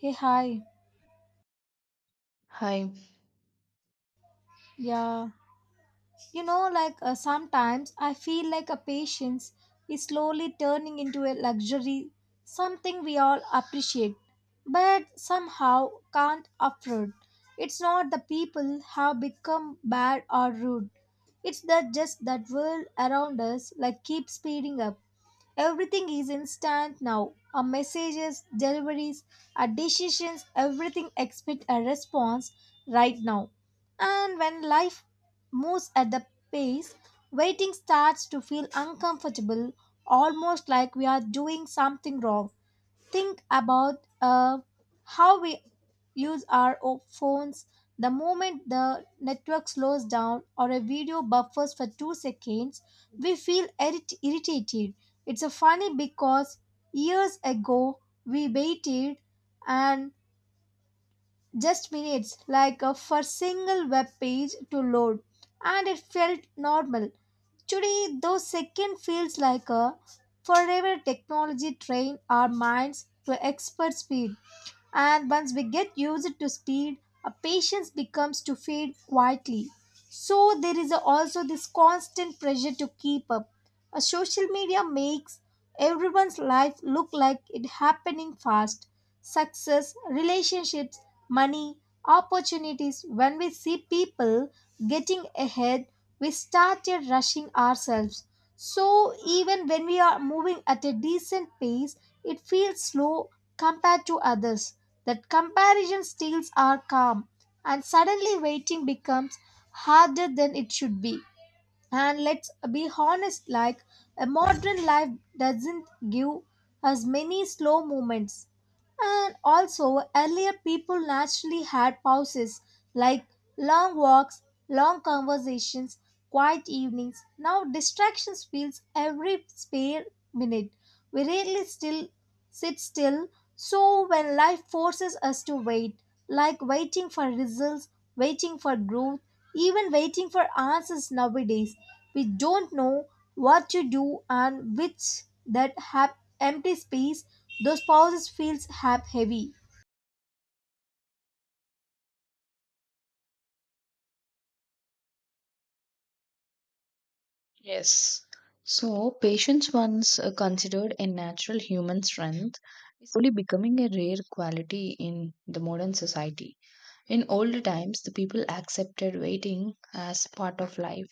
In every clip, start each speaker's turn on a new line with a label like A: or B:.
A: Hey, hi.
B: Hi.
A: Yeah. Sometimes I feel like a patience is slowly turning into a luxury, something we all appreciate, but somehow can't afford. It's not the people have become bad or rude. It's that just that world around us like keeps speeding up. Everything is instant now. A messages, deliveries, a decisions, everything expect a response right now. And when life moves at the pace, waiting starts to feel uncomfortable, almost like we are doing something wrong think about how we use our phones the moment the network slows down or a video buffers for 2 seconds we feel irritated it's a funny because years ago we waited and just minutes like for single web page to load and it felt normal today those second feels like a forever technology train our minds to expert speed and once we get used to speed our patience becomes to fade quietly so there is also this constant pressure to keep up a social media makes everyone's life look like it happening fast success, relationships, money, opportunities. When we see people getting ahead, we started rushing ourselves. So even when we are moving at a decent pace, it feels slow compared to others. That comparison steals our calm, and suddenly waiting becomes harder than it should be. And let's be honest, like a modern life doesn't give us many slow moments. And also, earlier people naturally had pauses like long walks, long conversations, quiet evenings. Now, distractions fills every spare minute. We rarely still sit still. So, when life forces us to wait, like waiting for results, waiting for growth, even waiting for answers nowadays, we don't know what to do and which that happen empty space, those pauses feels hap heavy.
B: Yes. So, patience, once considered a natural human strength, is slowly becoming a rare quality in the modern society. In older times, the people accepted waiting as part of life,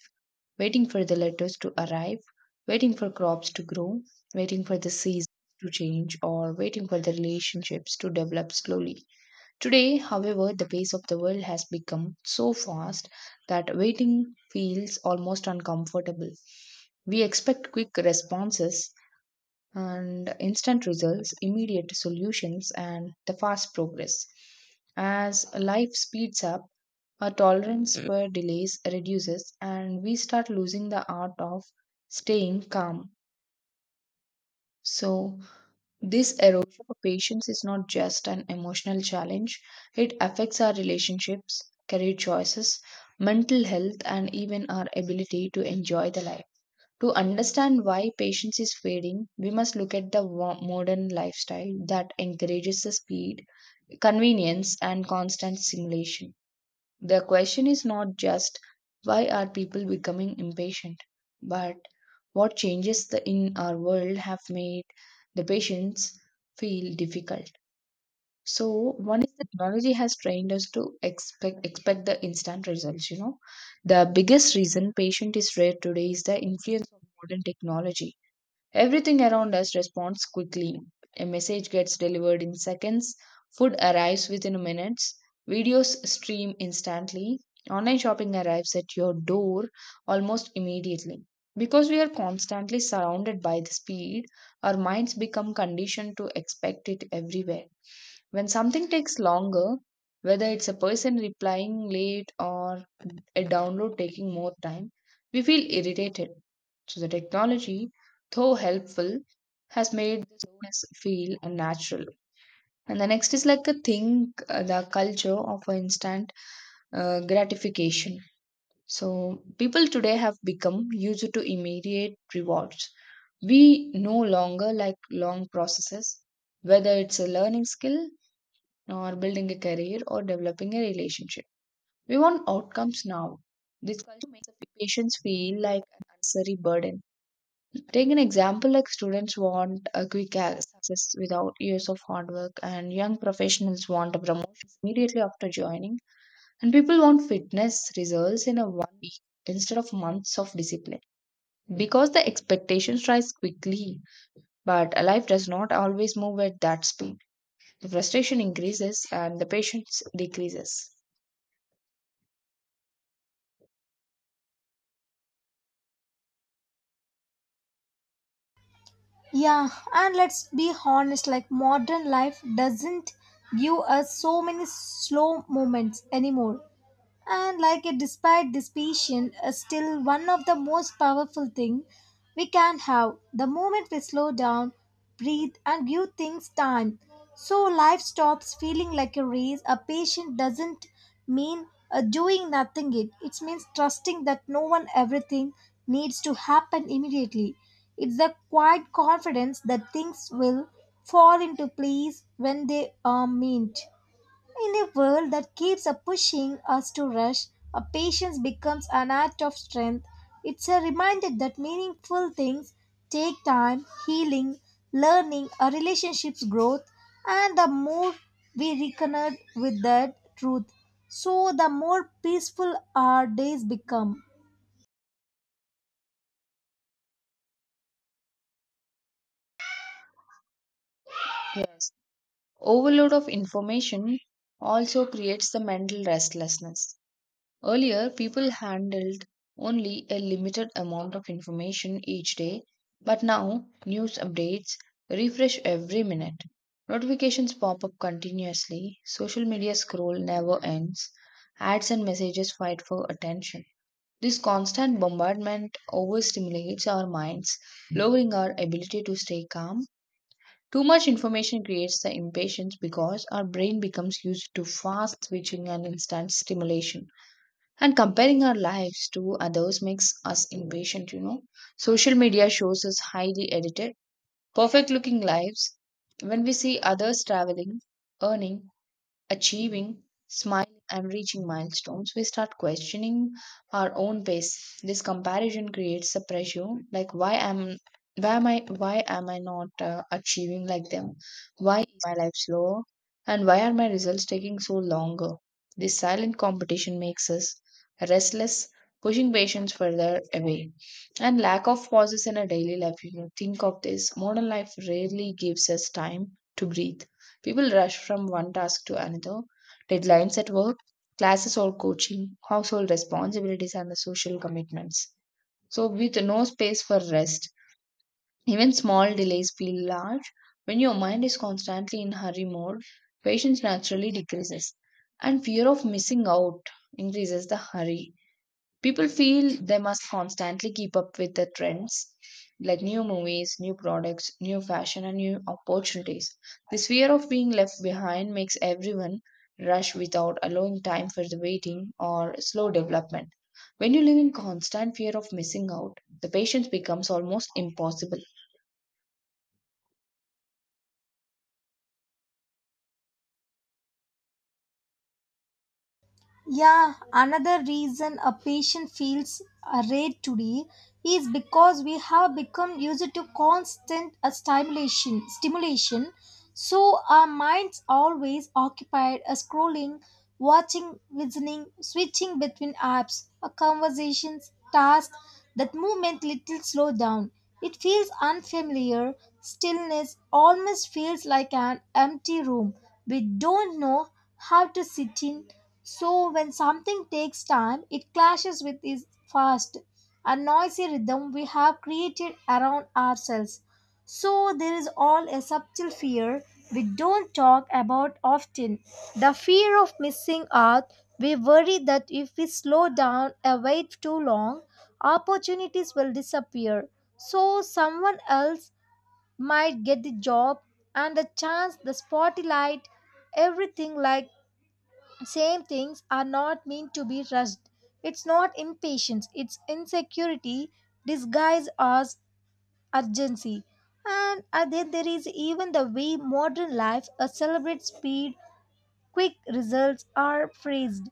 B: waiting for the letters to arrive, waiting for crops to grow, waiting for the seasons to change, or waiting for the relationships to develop slowly. Today, however, the pace of the world has become so fast that waiting feels almost uncomfortable. We expect quick responses and instant results, immediate solutions, and the fast progress. As life speeds up, our tolerance for delays reduces, and we start losing the art of staying calm. So, this erosion of patience is not just an emotional challenge, it affects our relationships, career choices, mental health, and even our ability to enjoy the life. To understand why patience is fading, we must look at the modern lifestyle that encourages the speed, convenience, and constant stimulation. The question is not just why are people becoming impatient, but what changes in our world have made the patients feel difficult. So one is the technology has trained us to expect the instant results. The biggest reason patient is rare today is the influence of modern technology. Everything around us responds quickly. A message gets delivered in seconds, food arrives within minutes, videos stream instantly, online shopping arrives at your door almost immediately. Because we are constantly surrounded by the speed, our minds become conditioned to expect it everywhere. When something takes longer, whether it's a person replying late or a download taking more time, we feel irritated. So the technology, though helpful, has made the slowness feel unnatural. And the next is like a thing, the culture of instant gratification. So people today have become used to immediate rewards. We no longer like long processes, whether it's a learning skill or building a career or developing a relationship. We want outcomes now. This culture makes the patients feel like an unnecessary burden. Take an example like students want a quick success without years of hard work, and young professionals want a promotion immediately after joining, and people want fitness results in a one week instead of months of discipline. Because the expectations rise quickly, but life does not always move at that speed. The frustration increases and the patience decreases.
A: Yeah, and let's be honest, like modern life doesn't give us so many slow moments anymore. And like a despite this patient is still one of the most powerful thing we can have the moment we slow down breathe and give things time so life stops feeling like a race a patient doesn't mean doing nothing it means trusting that no one everything needs to happen immediately it's the quiet confidence that things will fall into place when they are meant in a world that keeps a pushing us to rush, a patience becomes an act of strength. It's a reminder that meaningful things take time, healing, learning, a relationship's growth, and the more we reconnect with that truth, so the more peaceful our days become.
B: Yes. Overload of information also creates the mental restlessness. Earlier, people handled only a limited amount of information each day, but now news updates refresh every minute. Notifications pop up continuously, social media scroll never ends, ads and messages fight for attention. This constant bombardment overstimulates our minds, lowering our ability to stay calm. Too much information creates the impatience because our brain becomes used to fast switching and instant stimulation. And comparing our lives to others makes us impatient. Social media shows us highly edited, perfect looking lives. When we see others traveling, earning, achieving, smiling, and reaching milestones, we start questioning our own pace. This comparison creates a pressure like why am I not achieving like them? Why is my life slower? And why are my results taking so longer? This silent competition makes us restless, pushing patients further away. And lack of pauses in our daily life. Think of this. Modern life rarely gives us time to breathe. People rush from one task to another, deadlines at work, classes or coaching, household responsibilities, and the social commitments. So, with no space for rest, even small delays feel large. When your mind is constantly in hurry mode, patience naturally decreases, and fear of missing out increases the hurry. People feel they must constantly keep up with the trends like new movies, new products, new fashion, and new opportunities. This fear of being left behind makes everyone rush without allowing time for the waiting or slow development. When you live in constant fear of missing out, the patience becomes almost impossible.
A: Yeah, another reason a patient feels afraid today is because we have become used to constant stimulation. So our minds always occupied scrolling, watching, listening, switching between apps, conversations, tasks that movement little slow down. It feels unfamiliar. Stillness almost feels like an empty room. We don't know how to sit in so when something takes time, it clashes with its fast and noisy rhythm we have created around ourselves. So there is all a subtle fear we don't talk about often. The fear of missing out. We worry that if we slow down or wait too long, opportunities will disappear. So someone else might get the job and the chance, the spotlight, everything like same things are not meant to be rushed. It's not impatience, it's insecurity disguised as urgency. And then there is even the way modern life celebrates speed Quick results are praised.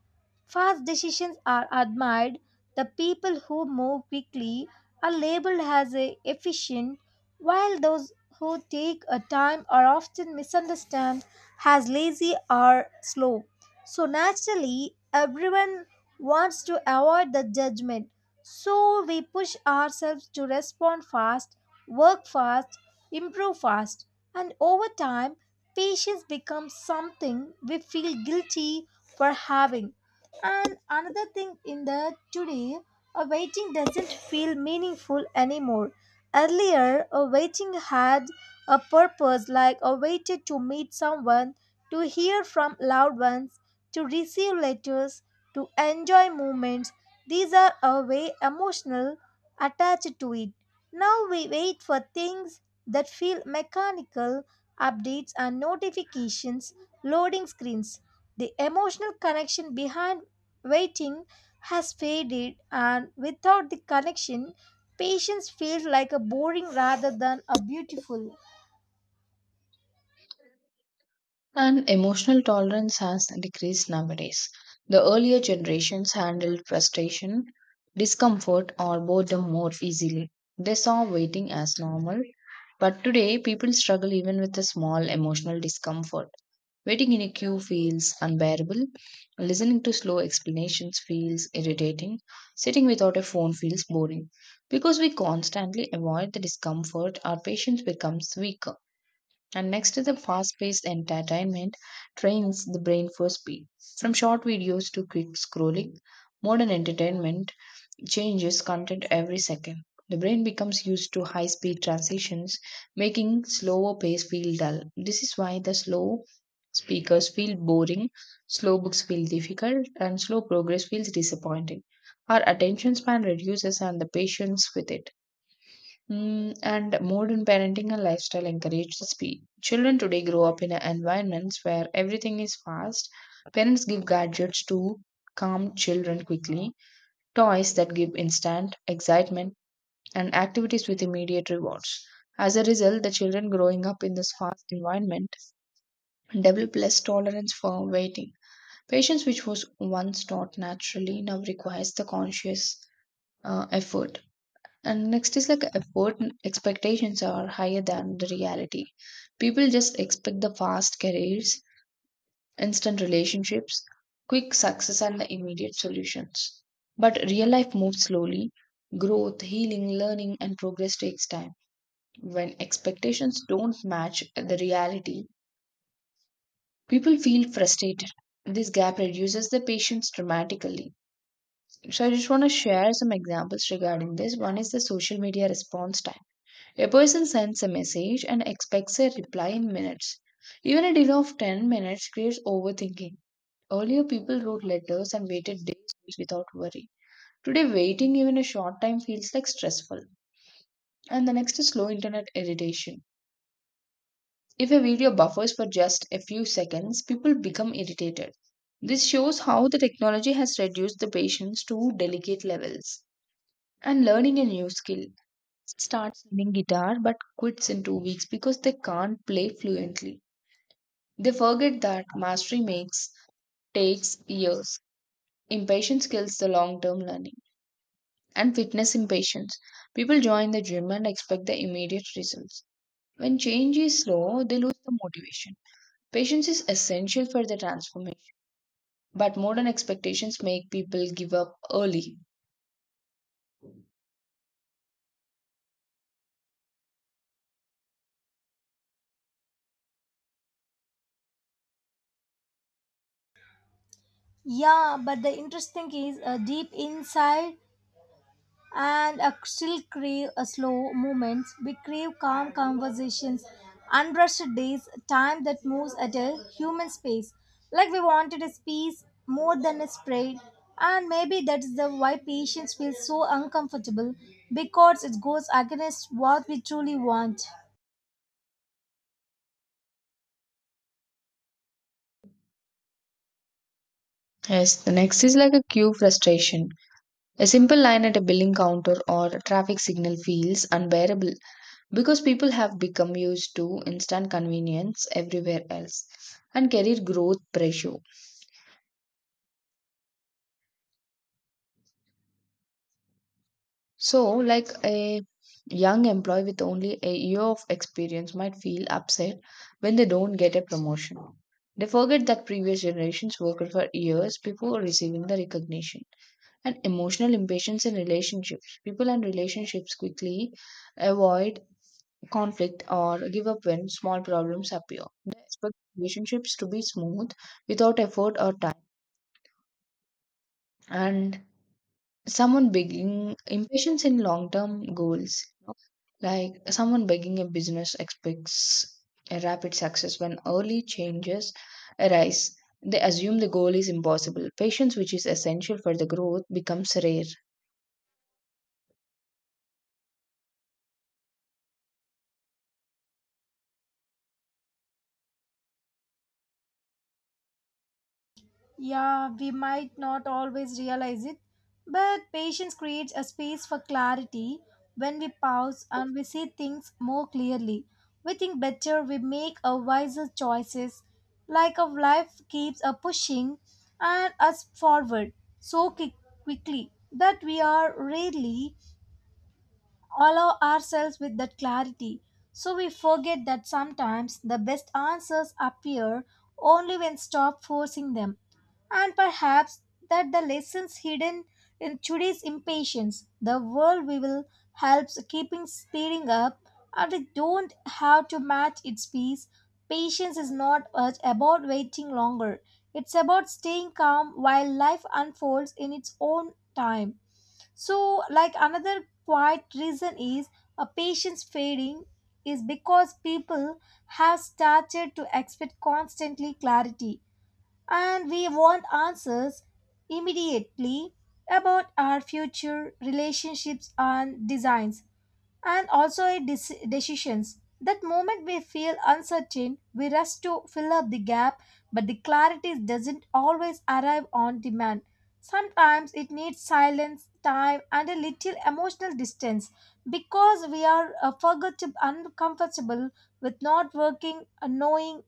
A: Fast decisions are admired. The people who move quickly are labeled as efficient, while those who take a time are often misunderstood as lazy or slow. So, naturally, everyone wants to avoid the judgment. So, we push ourselves to respond fast, work fast, improve fast, and over time, Patience becomes something we feel guilty for having. And another thing in the today, a waiting doesn't feel meaningful anymore. Earlier, a waiting had a purpose, like a waited to meet someone, to hear from loved ones, to receive letters, to enjoy moments. These are a way emotional attached to it. Now we wait for things that feel mechanical updates and notifications, loading screens. The emotional connection behind waiting has faded, and without the connection, patience feels like a boring rather than a beautiful.
B: And emotional tolerance has decreased nowadays. The earlier generations handled frustration, discomfort, or boredom more easily. They saw waiting as normal, but today people struggle even with a small emotional discomfort. Waiting in a queue feels unbearable, listening to slow explanations feels irritating, sitting without a phone feels boring. Because we constantly avoid the discomfort, our patience becomes weaker. And next to the fast paced entertainment, trains the brain for speed. From short videos to quick scrolling, modern entertainment changes content every second. The brain becomes used to high speed transitions, making slower pace feel dull. This is why the slow speakers feel boring, slow books feel difficult, and slow progress feels disappointing. Our attention span reduces and the patience with it. And modern parenting and lifestyle encourage speed. Children today grow up in environments where everything is fast. Parents give gadgets to calm children quickly, toys that give instant excitement, and activities with immediate rewards. As a result, the children growing up in this fast environment develop less tolerance for waiting. Patience, which was once taught naturally, now requires the conscious effort. And next is like effort and expectations are higher than the reality. People just expect the fast careers, instant relationships, quick success, and the immediate solutions. But real life moves slowly. Growth, healing, learning, and progress takes time. When expectations don't match the reality, people feel frustrated. This gap reduces the patience dramatically. So, I just want to share some examples regarding this. One is the social media response time. A person sends a message and expects a reply in minutes. Even a delay of 10 minutes creates overthinking. Earlier, people wrote letters and waited days without worry. Today, waiting even a short time feels like stressful. And the next is slow internet irritation. If a video buffers for just a few seconds, people become irritated. This shows how the technology has reduced the patience to delicate levels. And learning a new skill. Starts learning guitar but quits in 2 weeks because they can't play fluently. They forget that mastery makes takes years. Impatience kills the long term learning. And fitness impatience. People join the gym and expect the immediate results. When change is slow, they lose the motivation. Patience is essential for the transformation, but modern expectations make people give up early.
A: Yeah, but the interesting is a deep inside and still crave slow moments. We crave calm conversations, unrushed days, time that moves at a human pace. Like we wanted a space more than a spread. And maybe that is the why patience feels so uncomfortable because it goes against what we truly want.
B: Yes, the next is like a queue frustration. A simple line at a billing counter or a traffic signal feels unbearable, because people have become used to instant convenience everywhere else and career growth pressure. So, like a young employee with only a year of experience might feel upset when they don't get a promotion. They forget that previous generations worked for years before receiving the recognition. And emotional impatience in relationships. People and relationships quickly avoid conflict or give up when small problems appear. They expect relationships to be smooth without effort or time. And someone begging impatience in long term goals. Like someone begging a business expects a rapid success when early changes arise. They assume the goal is impossible. Patience, which is essential for the growth, becomes rare.
A: Yeah, we might not always realize it, but patience creates a space for clarity. When we pause and we see things more clearly, we think better, we make a wiser choices. Like our life keeps a pushing and us forward so quickly that we are rarely allow ourselves with that clarity. So we forget that sometimes the best answers appear only when stop forcing them. And perhaps that the lessons hidden in today's impatience, the world we will helps keeping speeding up and we don't have to match its pace. Patience is not about waiting longer. It's about staying calm while life unfolds in its own time. So, like another quiet reason is a patient's fading is because people have started to expect constantly clarity and we want answers immediately about our future relationships and designs and also in decisions. That moment we feel uncertain, we rush to fill up the gap, but the clarity doesn't always arrive on demand. Sometimes it needs silence, time, and a little emotional distance because we are forgot to uncomfortable with not working, knowing,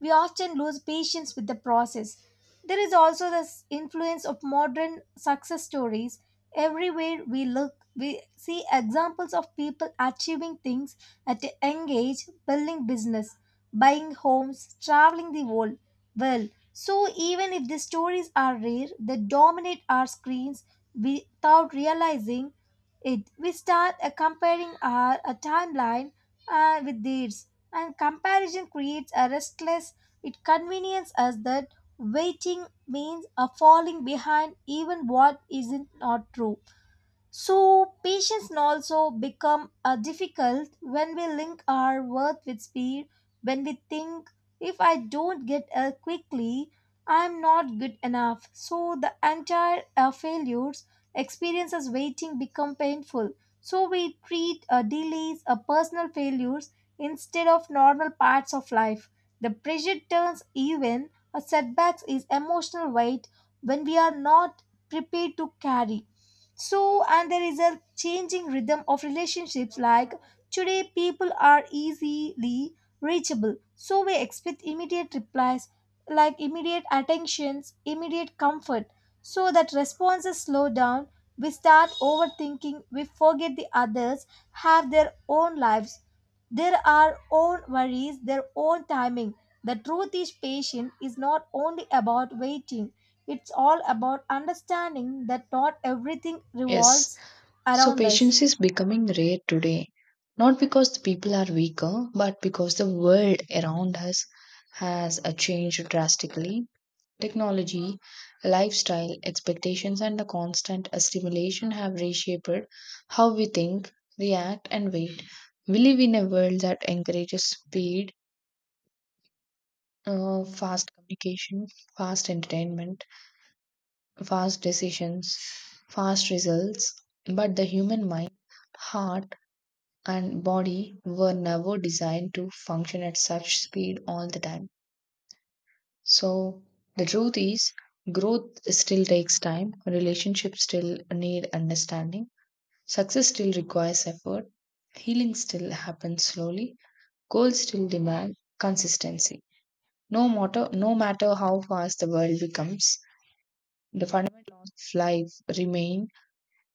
A: we often lose patience with the process. There is also the influence of modern success stories. Everywhere we look, we see examples of people achieving things at a young age, building business, buying homes, traveling the world. Well, so even if the stories are rare, they dominate our screens without realizing it. We start comparing our timeline with theirs and comparison creates a restless it conveniences us that waiting means a falling behind even what isn't not true so, patience can also become difficult when we link our worth with speed, when we think, if I don't get help quickly, I'm not good enough. So, the entire failures experiences waiting become painful. So, we treat delays or personal failures instead of normal parts of life. The pressure turns even a setbacks is emotional weight when we are not prepared to carry. So, and there is a changing rhythm of relationships. Like today, people are easily reachable, so we expect immediate replies, like immediate attentions, immediate comfort. So that responses slow down. We start overthinking. We forget the others have their own lives, their are own worries, their own timing. The truth is, patience is not only about waiting, it's all about understanding that not everything
B: Yes.
A: revolves
B: So,
A: around us.
B: patience is becoming rare today, not because the people are weaker, but because the world around us has changed drastically. Technology, lifestyle, expectations, and the constant stimulation have reshaped how we think, react, and wait. We live in a world that encourages speed, fast communication, fast entertainment, fast decisions, fast results, but the human mind, heart, and body were never designed to function at such speed all the time. So the truth is, growth still takes time, relationships still need understanding, success still requires effort, healing still happens slowly, goals still demand consistency. No matter how fast the world becomes, the fundamentals of life remain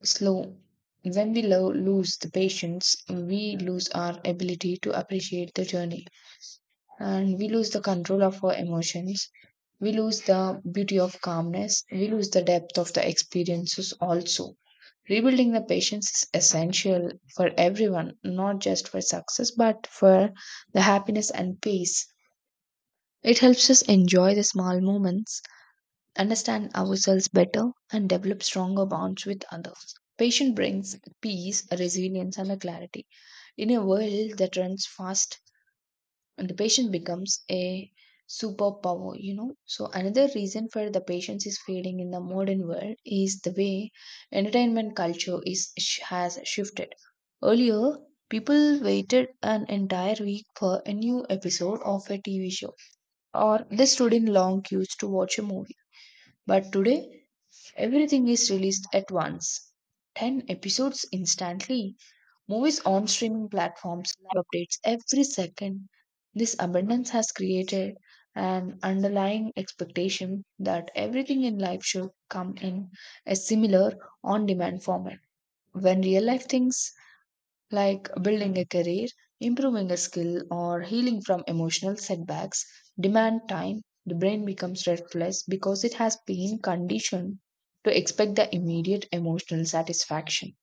B: slow. When we lose the patience, we lose our ability to appreciate the journey, and we lose the control of our emotions. We lose the beauty of calmness. We lose the depth of the experiences also. Rebuilding the patience is essential for everyone, not just for success, but for the happiness and peace. It helps us enjoy the small moments, understand ourselves better, and develop stronger bonds with others. Patience brings peace, resilience, and a clarity. In a world that runs fast, and the patient becomes a superpower. So another reason for the patience is fading in the modern world is the way entertainment culture is has shifted. Earlier, people waited an entire week for a new episode of a TV show, or they stood in long queues to watch a movie. But today, everything is released at once, 10 episodes instantly. Movies on streaming platforms, live updates every second. This abundance has created an underlying expectation that everything in life should come in a similar on demand format. When real life things like building a career, improving a skill, or healing from emotional setbacks demand time, the brain becomes restless because it has been conditioned to expect the immediate emotional satisfaction.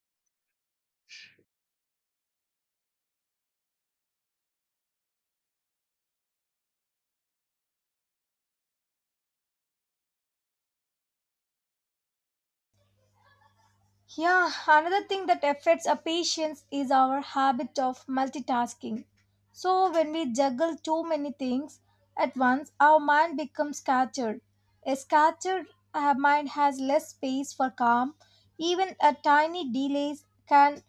A: Yeah, another thing that affects our patience is our habit of multitasking. So, when we juggle too many things at once, our mind becomes scattered. A scattered mind has less space for calm. Even a tiny delays can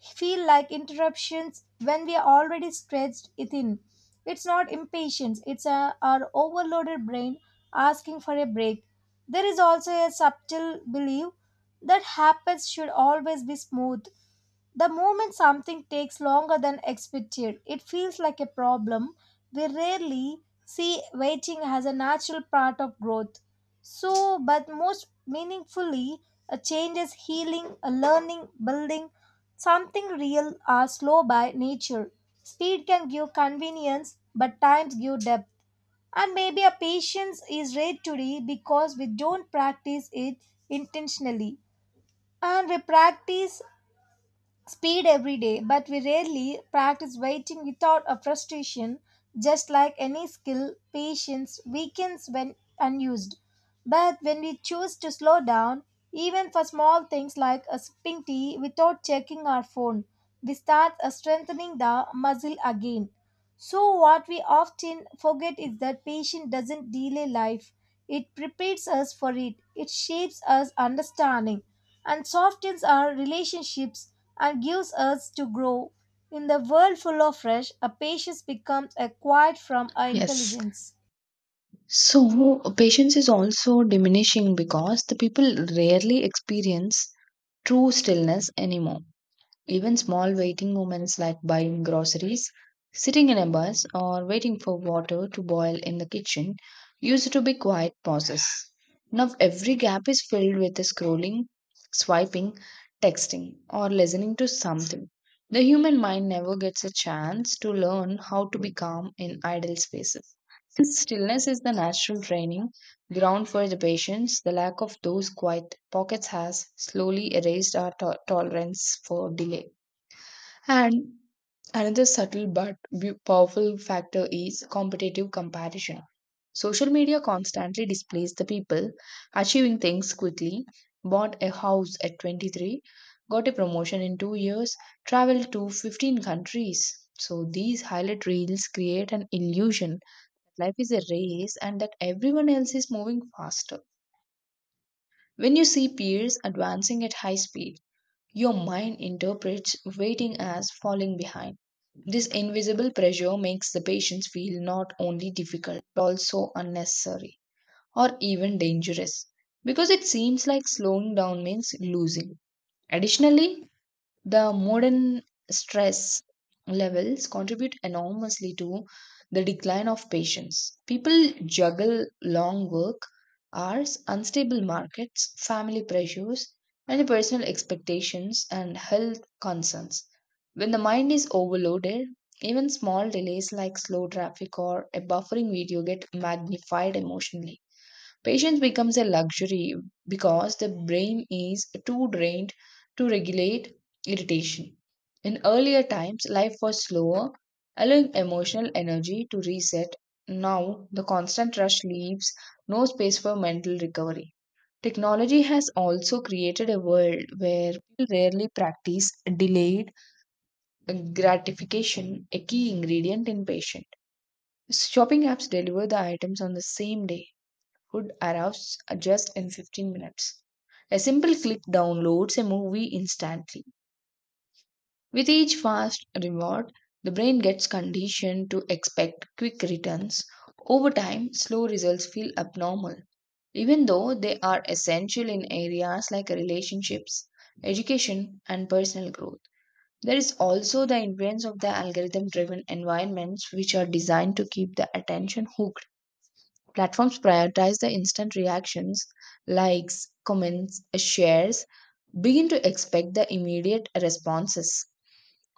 A: feel like interruptions when we are already stretched thin. It's not impatience, our overloaded brain asking for a break. There is also a subtle belief that habits should always be smooth, the moment something takes longer than expected, it feels like a problem. We rarely see waiting as a natural part of growth. So, but most meaningfully, a change is healing, a learning, building. Something real are slow by nature. Speed can give convenience, but times give depth. And maybe a patience is rare today because we don't practice it intentionally and we practice speed every day, but we rarely practice waiting without a frustration. Just like any skill, patience weakens when unused. But when we choose to slow down, even for small things like a sipping tea without checking our phone, we start strengthening the muscle again. So, what we often forget is that patience doesn't delay life, it prepares us for it, it shapes us understanding, and softens our relationships and gives us to grow. In the world full of rush, a patience becomes acquired from our
B: Yes.
A: intelligence.
B: So, patience is also diminishing because the people rarely experience true stillness anymore. Even small waiting moments like buying groceries, sitting in a bus, or waiting for water to boil in the kitchen used to be quiet pauses. Now every gap is filled with scrolling, swiping, texting, or listening to something. The human mind never gets a chance to learn how to be calm in idle spaces. Since stillness is the natural training ground for the patience, the lack of those quiet pockets has slowly erased our tolerance for delay. And another subtle but powerful factor is competitive comparison. Social media constantly displays the people achieving things quickly, bought a house at 23, got a promotion in 2 years, traveled to 15 countries. So these highlight reels create an illusion that life is a race and that everyone else is moving faster. When you see peers advancing at high speed, your mind interprets waiting as falling behind. This invisible pressure makes the patients feel not only difficult but also unnecessary or even dangerous because it seems like slowing down means losing. Additionally, the modern stress levels contribute enormously to the decline of patience. People juggle long work hours, unstable markets, family pressures, and personal expectations and health concerns. When the mind is overloaded, even small delays like slow traffic or a buffering video get magnified emotionally. Patience becomes a luxury because the brain is too drained to regulate irritation. In earlier times, life was slower, allowing emotional energy to reset. Now, the constant rush leaves no space for mental recovery. Technology has also created a world where people rarely practice delayed gratification, a key ingredient in patience. Shopping apps deliver the items on the same day, could arrive just in 15 minutes. A simple click downloads a movie instantly. With each fast reward, the brain gets conditioned to expect quick returns. Over time, slow results feel abnormal, even though they are essential in areas like relationships, education, and personal growth. There is also the influence of the algorithm driven environments, which are designed to keep the attention hooked. Platforms prioritize the instant reactions, likes, comments, shares, begin to expect the immediate responses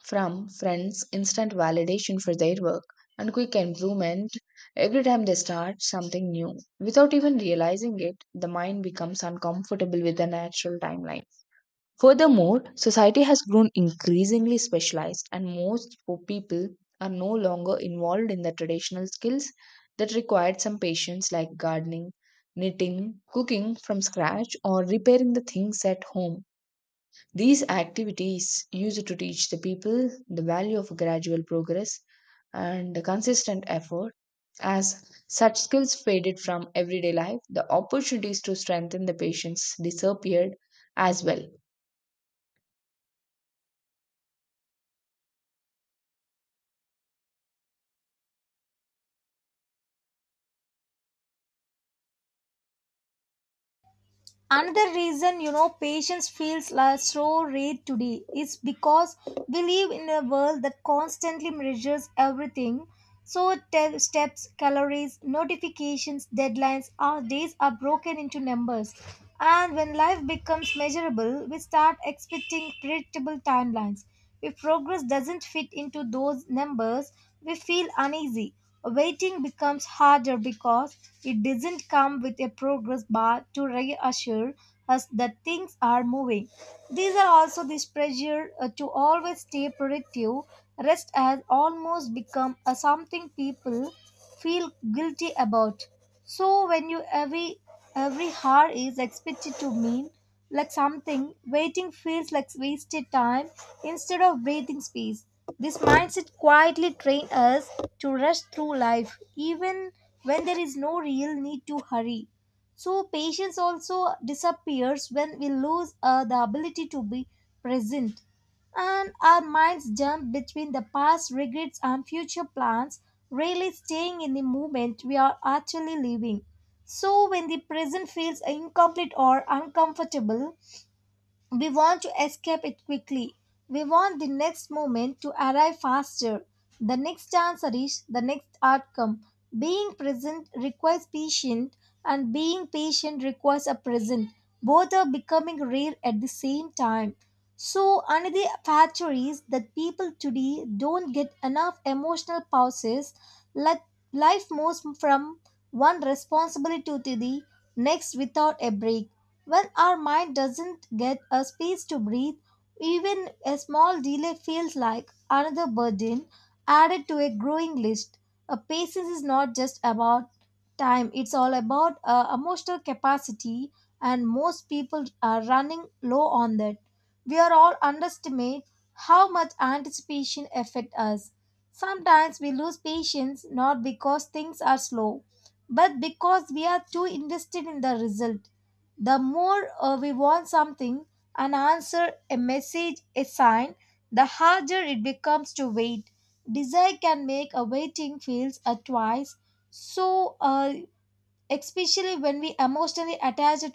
B: from friends, instant validation for their work, and quick improvement every time they start something new. Without even realizing it, the mind becomes uncomfortable with the natural timeline. Furthermore, society has grown increasingly specialized, and most people are no longer involved in the traditional skills that required some patience, like gardening, knitting, cooking from scratch, or repairing the things at home. These activities used to teach the people the value of gradual progress and the consistent effort. As such skills faded from everyday life, the opportunities to strengthen the patients disappeared as well.
A: Another reason you know patience feels like so rare today is because we live in a world that constantly measures everything. So steps, calories, notifications, deadlines, our days are broken into numbers. And when life becomes measurable, we start expecting predictable timelines. If progress doesn't fit into those numbers, we feel uneasy. Waiting becomes harder because it doesn't come with a progress bar to reassure us that things are moving. These are also this pressure to always stay productive. Rest has almost become a something people feel guilty about. So when you every hour is expected to mean like something, waiting feels like wasted time instead of breathing space. This mindset quietly trains us to rush through life even when there is no real need to hurry. So patience also disappears when we lose the ability to be present and our minds jump between the past regrets and future plans, rarely staying in the moment we are actually living. So, when the present feels incomplete or uncomfortable, we want to escape it quickly. We want the next moment to arrive faster, the next answer is the next outcome. Being present requires patience, and being patient requires a present. Both are becoming rare at the same time. So, another factor is that people today don't get enough emotional pauses. Like life moves from one responsibility to the next without a break. When our mind doesn't get a space to breathe, even a small delay feels like another burden added to a growing list. A patience is not just about time, it's all about emotional capacity, and most people are running low on that. We are all underestimate how much anticipation affect us. Sometimes we lose patience not because things are slow, but because we are too invested in the result. The more we want something, an answer, a message, a sign, the harder it becomes to wait. Desire can make a waiting feels a twice. So, especially when we emotionally attach it